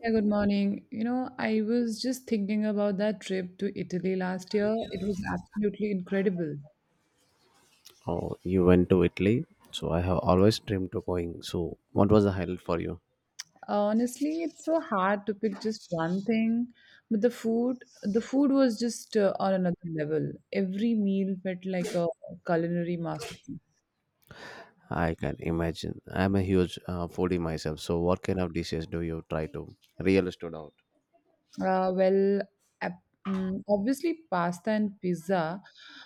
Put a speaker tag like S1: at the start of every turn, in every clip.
S1: Yeah, good morning. You know, I was just thinking about that trip to Italy last year. It was absolutely incredible.
S2: Oh, you went to Italy. So I have always dreamed of going. So what was the highlight for you?
S1: Honestly, it's so hard to pick just one thing, but the food was just on another level. Every meal felt like a culinary masterpiece.
S2: I can imagine. I'm a huge foodie myself. So what kind of dishes do you try to really stood out?
S1: Uh, well, Obviously pasta and pizza,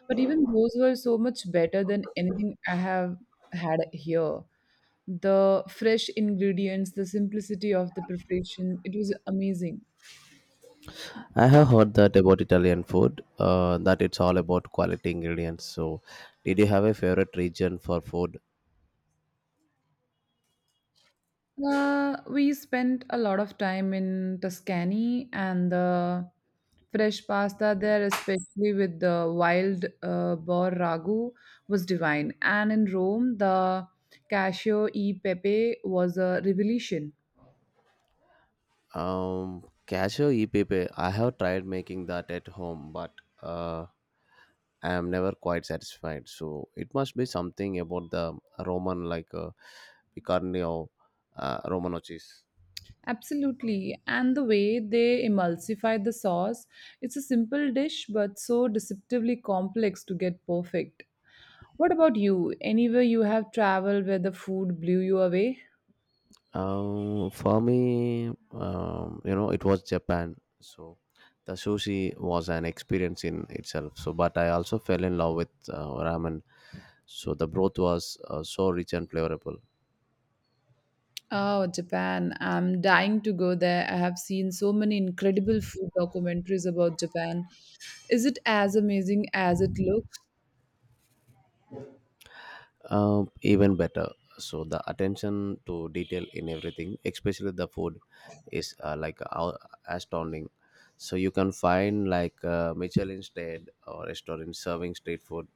S1: but even those were so much better than anything I have had here. The fresh ingredients, the simplicity of the preparation. It was amazing.
S2: I have heard that about Italian food, that it's all about quality ingredients. So did you have a favorite region for food?
S1: We spent a lot of time in Tuscany and the fresh pasta there, especially with the wild boar ragu, was divine. And in Rome, the cascio e pepe was a revelation.
S2: Cashew e P P, I have tried making that at home, but uh, I am never quite satisfied. So it must be something about the Roman, like picarne or Romano cheese.
S1: Absolutely. And the way they emulsify the sauce, it's a simple dish but so deceptively complex to get perfect. What about you? Anywhere you have traveled where the food blew you away?
S2: For me, you know, it was Japan. So the sushi was an experience in itself. So, but I also fell in love with ramen. So the broth was so rich and flavorful.
S1: Oh, Japan. I'm dying to go there. I have seen so many incredible food documentaries about Japan. Is it as amazing as it looks?
S2: Even better. So the attention to detail in everything, especially the food, is astounding. So you can find like Michelin stayed or restaurant serving street food.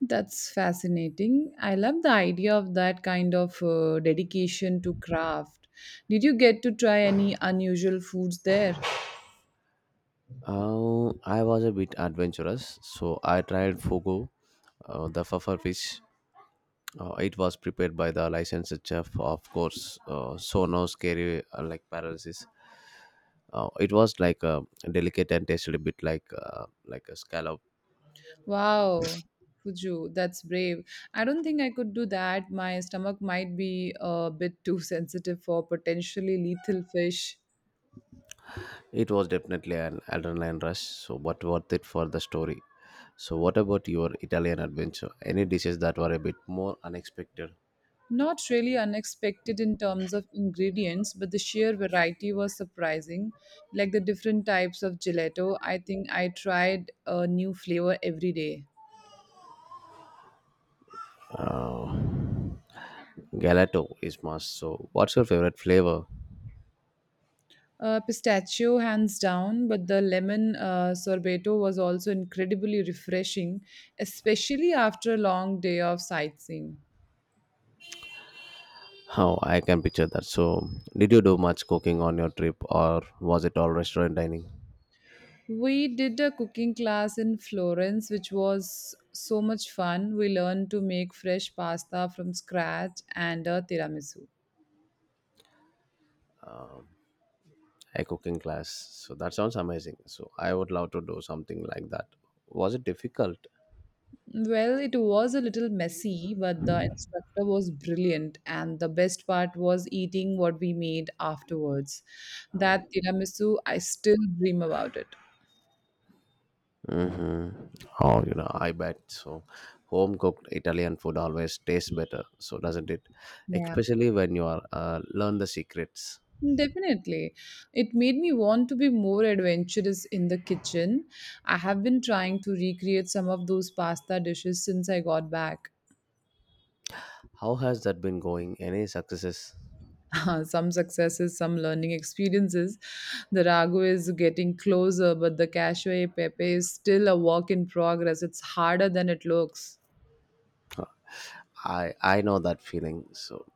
S1: That's fascinating. I love the idea of that kind of dedication to craft. Did you get to try any unusual foods there?
S2: I was a bit adventurous, so I tried fugu, the puffer fish. It was prepared by the licensed chef, of course. So no scary like paralysis. It was like a delicate and tasted a bit like a scallop.
S1: Wow, Fuju, that's brave. I don't think I could do that. My stomach might be a bit too sensitive for potentially lethal fish.
S2: It was definitely an adrenaline rush, so but worth it for the story. So, what about your Italian adventure? Any dishes that were a bit more unexpected?
S1: Not really unexpected in terms of ingredients, but the sheer variety was surprising. Like the different types of gelato, I think I tried a new flavor every day.
S2: Uh, Gelato is must. So, what's your favorite flavor?
S1: Pistachio, hands down, but the lemon sorbeto was also incredibly refreshing, especially after a long day of sightseeing.
S2: How I can picture that. So, did you do much cooking on your trip, or was it all restaurant dining?
S1: We did a cooking class in Florence, which was so much fun. We learned to make fresh pasta from scratch and a tiramisu.
S2: A cooking class. So that sounds amazing. So I would love to do something like that. Was it difficult?
S1: Well, it was a little messy, but the instructor was brilliant, and the best part was eating what we made afterwards. That tiramisu, I still dream about it.
S2: Hmm. Oh, you know, I bet so. Home cooked Italian food always tastes better, so doesn't it?
S1: Yeah,
S2: Especially when you are learn the secrets.
S1: definitely. It made me want to be more adventurous in the kitchen. I have been trying to recreate some of those pasta dishes since I got back.
S2: How has that been going? Any successes?
S1: Some successes, some learning experiences. The ragu is getting closer, but the cashew pepe is still a work in progress. It's harder than it looks.
S2: I know that feeling. So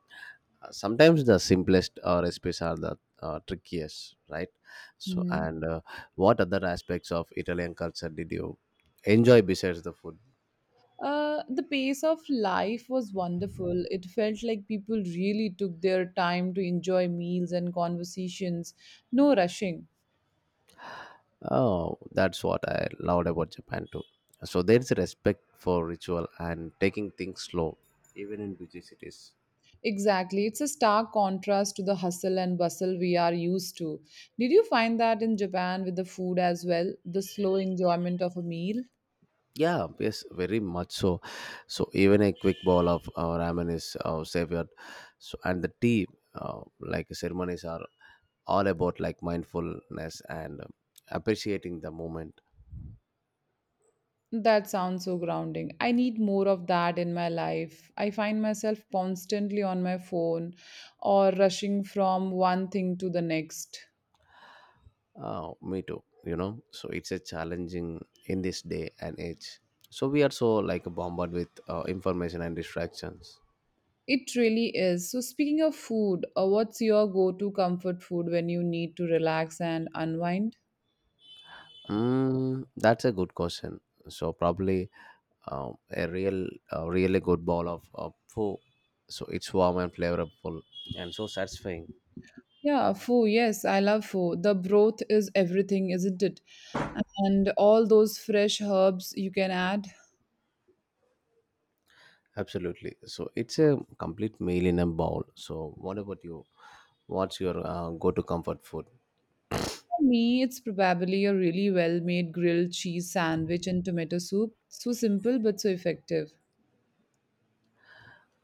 S2: sometimes the simplest recipes are the trickiest, right? So
S1: Mhm.
S2: and What other aspects of Italian culture did you enjoy besides the food?
S1: The pace of life was wonderful. It felt like people really took their time to enjoy meals and conversations, no rushing.
S2: Oh, that's what I loved about Japan too. So there's a respect for ritual and taking things slow, even in busy cities.
S1: Exactly. It's a stark contrast to the hustle and bustle we are used to. Did you find that in Japan with the food as well? The slow enjoyment of a meal?
S2: Yeah, yes, very much so. So even a quick bowl of ramen is savored. So and the tea, like ceremonies, are all about like mindfulness and appreciating the moment.
S1: That sounds so grounding. I need more of that in my life. I find myself constantly on my phone or rushing from one thing to the next.
S2: Oh, me too. You know, so it's a challenging in this day and age. So we are so like bombarded with information and distractions.
S1: It really is. So, speaking of food, what's your go to comfort food when you need to relax and unwind?
S2: That's a good question. So probably a real, a really good bowl of pho. So it's warm and flavorful and so satisfying.
S1: Yeah, pho. Yes, I love pho. The broth is everything, isn't it? And all those fresh herbs you can add.
S2: Absolutely. So it's a complete meal in a bowl. So what about you? What's your go-to comfort food?
S1: For me, it's probably a really well made grilled cheese sandwich and tomato soup. So simple but so effective.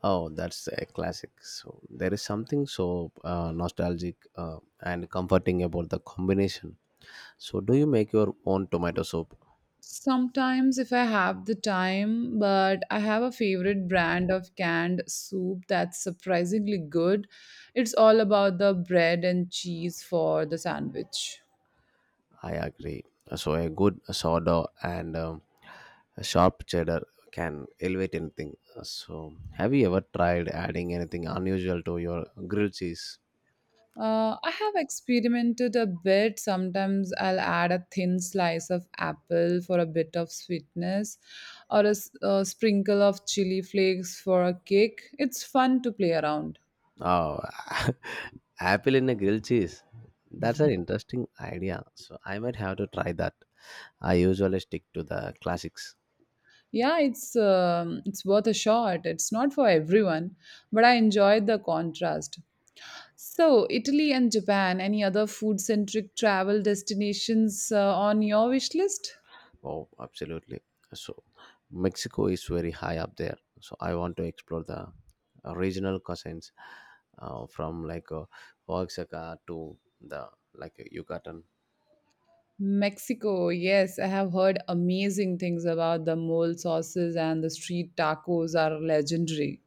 S2: Oh, that's a classic. So there is something so nostalgic and comforting about the combination. So do you make your own tomato soup?
S1: Sometimes, if I have the time, but I have a favorite brand of canned soup that's surprisingly good. It's all about the bread and cheese for the sandwich.
S2: I agree. So a good sourdough and a sharp cheddar can elevate anything. So have you ever tried adding anything unusual to your grilled cheese?
S1: I have experimented a bit. Sometimes I'll add a thin slice of apple for a bit of sweetness, or a sprinkle of chili flakes for a kick. It's fun to play around.
S2: Oh, apple in a grilled cheese. That's an interesting idea. So I might have to try that. I usually stick to the classics.
S1: Yeah, it's worth a shot. It's not for everyone, but I enjoyed the contrast. So, Italy and Japan. Any other food-centric travel destinations on your wish list?
S2: Oh, absolutely. So, Mexico is very high up there. So, I want to explore the regional cuisines from like Oaxaca to the like Yucatan.
S1: Mexico, yes, I have heard amazing things about the mole sauces and the street tacos are legendary.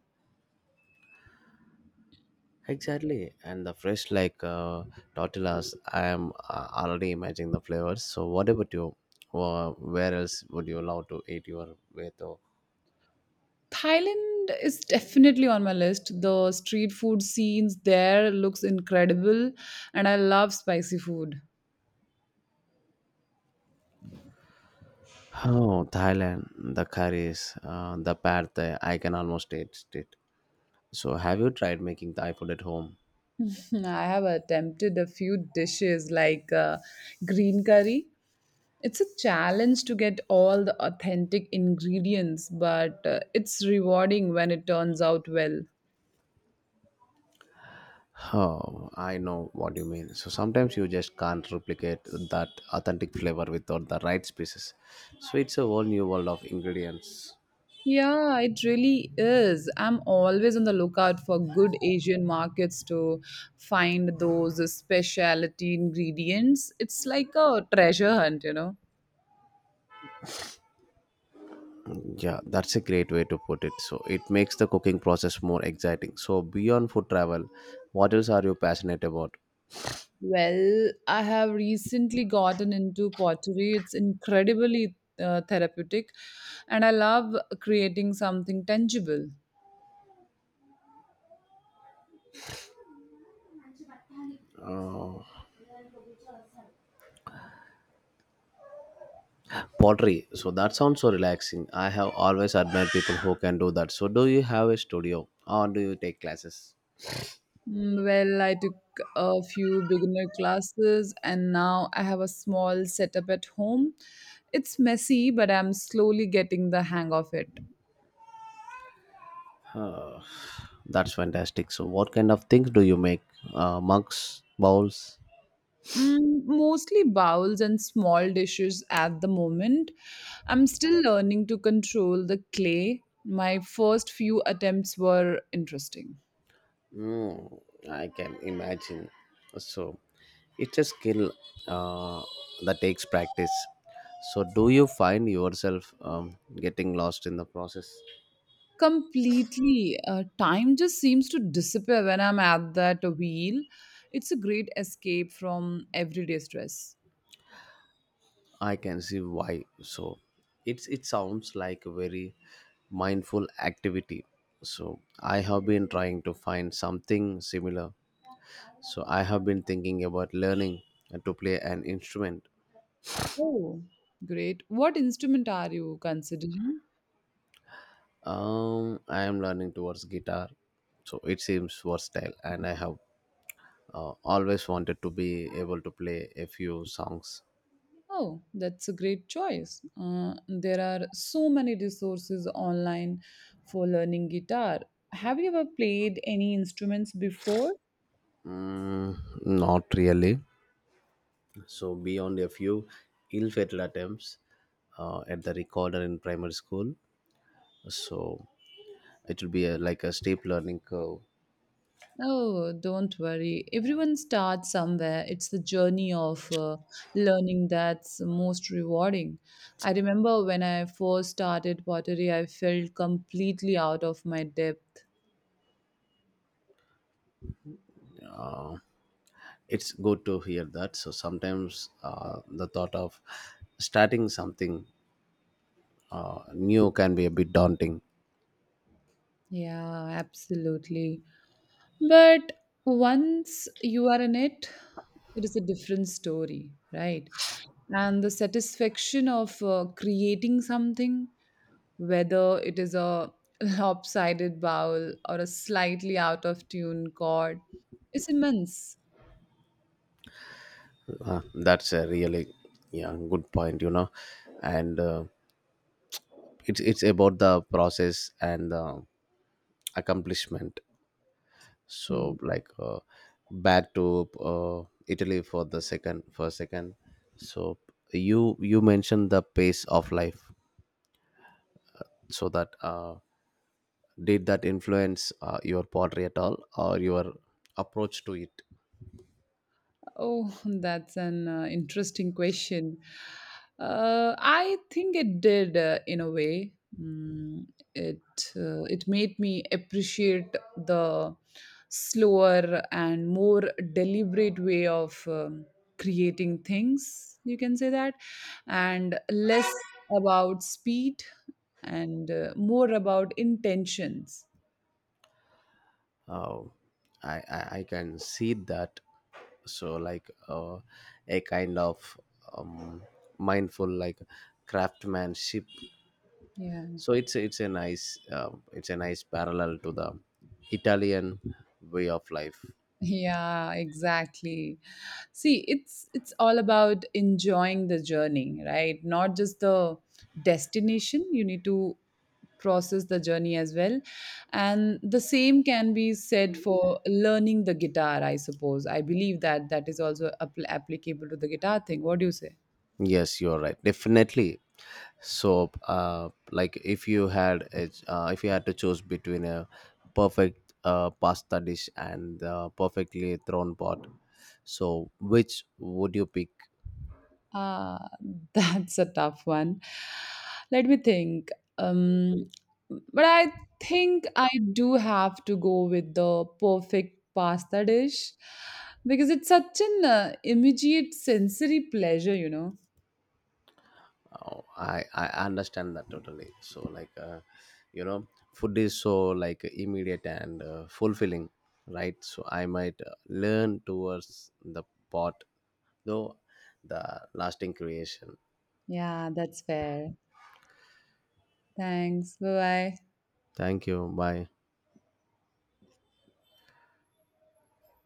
S2: Exactly, and the fresh like tortillas. I am already imagining the flavors. So, what about you? Where else would you love to eat your beto?
S1: Thailand is definitely on my list. The street food scenes there looks incredible and I love spicy food.
S2: Oh, Thailand, the curries, the pad thai. I can almost taste it. So, have you tried making Thai food at home?
S1: I have attempted a few dishes like green curry. It's a challenge to get all the authentic ingredients, but it's rewarding when it turns out well.
S2: Oh, I know what you mean. So sometimes you just can't replicate that authentic flavor without the right spices. So it's a whole new world of ingredients.
S1: Yeah, it really is. I'm always on the lookout for good Asian markets to find those specialty ingredients. It's like a treasure hunt, you know.
S2: Yeah, that's a great way to put it. So it makes the cooking process more exciting. So beyond food travel, what else are you passionate about?
S1: Well, I have recently gotten into pottery. It's incredibly therapeutic, and I love creating something tangible.
S2: Uh, Pottery. So that sounds so relaxing. I have always admired people who can do that. So do you have a studio or do you take classes?
S1: Mm, well, I took a few beginner classes and now I have a small setup at home. It's messy, but I'm slowly getting the hang of it.
S2: Huh. That's fantastic. So, what kind of things do you make? Mugs, bowls?
S1: Mm, mostly bowls and small dishes at the moment. I'm still learning to control the clay. My first few attempts were interesting.
S2: Mm, I can imagine. So, it's a skill uh, that takes practice. So, do you find yourself getting lost in the process?
S1: Completely. Time just seems to disappear when I'm at that wheel. It's a great escape from everyday stress.
S2: I can see why. So, it sounds like a very mindful activity. So, I have been trying to find something similar. So, I have been thinking about learning to play an instrument.
S1: Oh, great. What instrument are you considering?
S2: I am learning towards guitar, so it seems versatile, and I have always wanted to be able to play a few songs.
S1: Oh, that's a great choice. There are so many resources online for learning guitar. Have you ever played any instruments before?
S2: Mm, not really. So beyond a few ill-fated attempts at the recorder in primary school, so it will be a, like a steep learning curve.
S1: Oh, don't worry. Everyone starts somewhere. It's the journey of learning that's most rewarding. I remember when I first started pottery, I felt completely out of my depth.
S2: Uh, it's good to hear that. So sometimes the thought of starting something new can be a bit daunting.
S1: Yeah, absolutely. But once you are in it, it is a different story, right? And the satisfaction of creating something, whether it is a lopsided vowel or a slightly out of tune chord, is immense.
S2: That's a really yeah good point, you know, and it's about the process and the accomplishment.
S1: Hmm.
S2: So like back to Italy for a second. So you mentioned the pace of life. So that did that influence your pottery at all or your approach to it?
S1: Oh, that's an interesting question. I think it did, in a way. Mm, it made me appreciate the slower and more deliberate way of creating things. You can say that, and less about speed and more about intentions.
S2: uh, I can see that, so like a kind of um, mindful like craftsmanship,
S1: Yeah.
S2: so it's a nice it's a nice parallel to the Italian way of life.
S1: Yeah, exactly. See, it's all about enjoying the journey, right? Not just the destination. You need to process the journey as well. And the same can be said for learning the guitar, I suppose. I believe that that is also applicable to the guitar thing. What do you say?
S2: Yes, you're right, definitely. So like if you had a, if you had to choose between a perfect pasta dish and perfectly thrown pot, so which would you pick?
S1: Uh, that's a tough one. Let me think. Um, but I think I do have to go with the perfect pasta dish because it's such an immediate sensory pleasure, you know.
S2: Oh, I understand that totally. So like, you know, food is so like immediate and fulfilling, right? So I might learn towards the pot, though the lasting creation.
S1: Yeah, that's fair. Thanks. Bye bye.
S2: Thank you. Bye.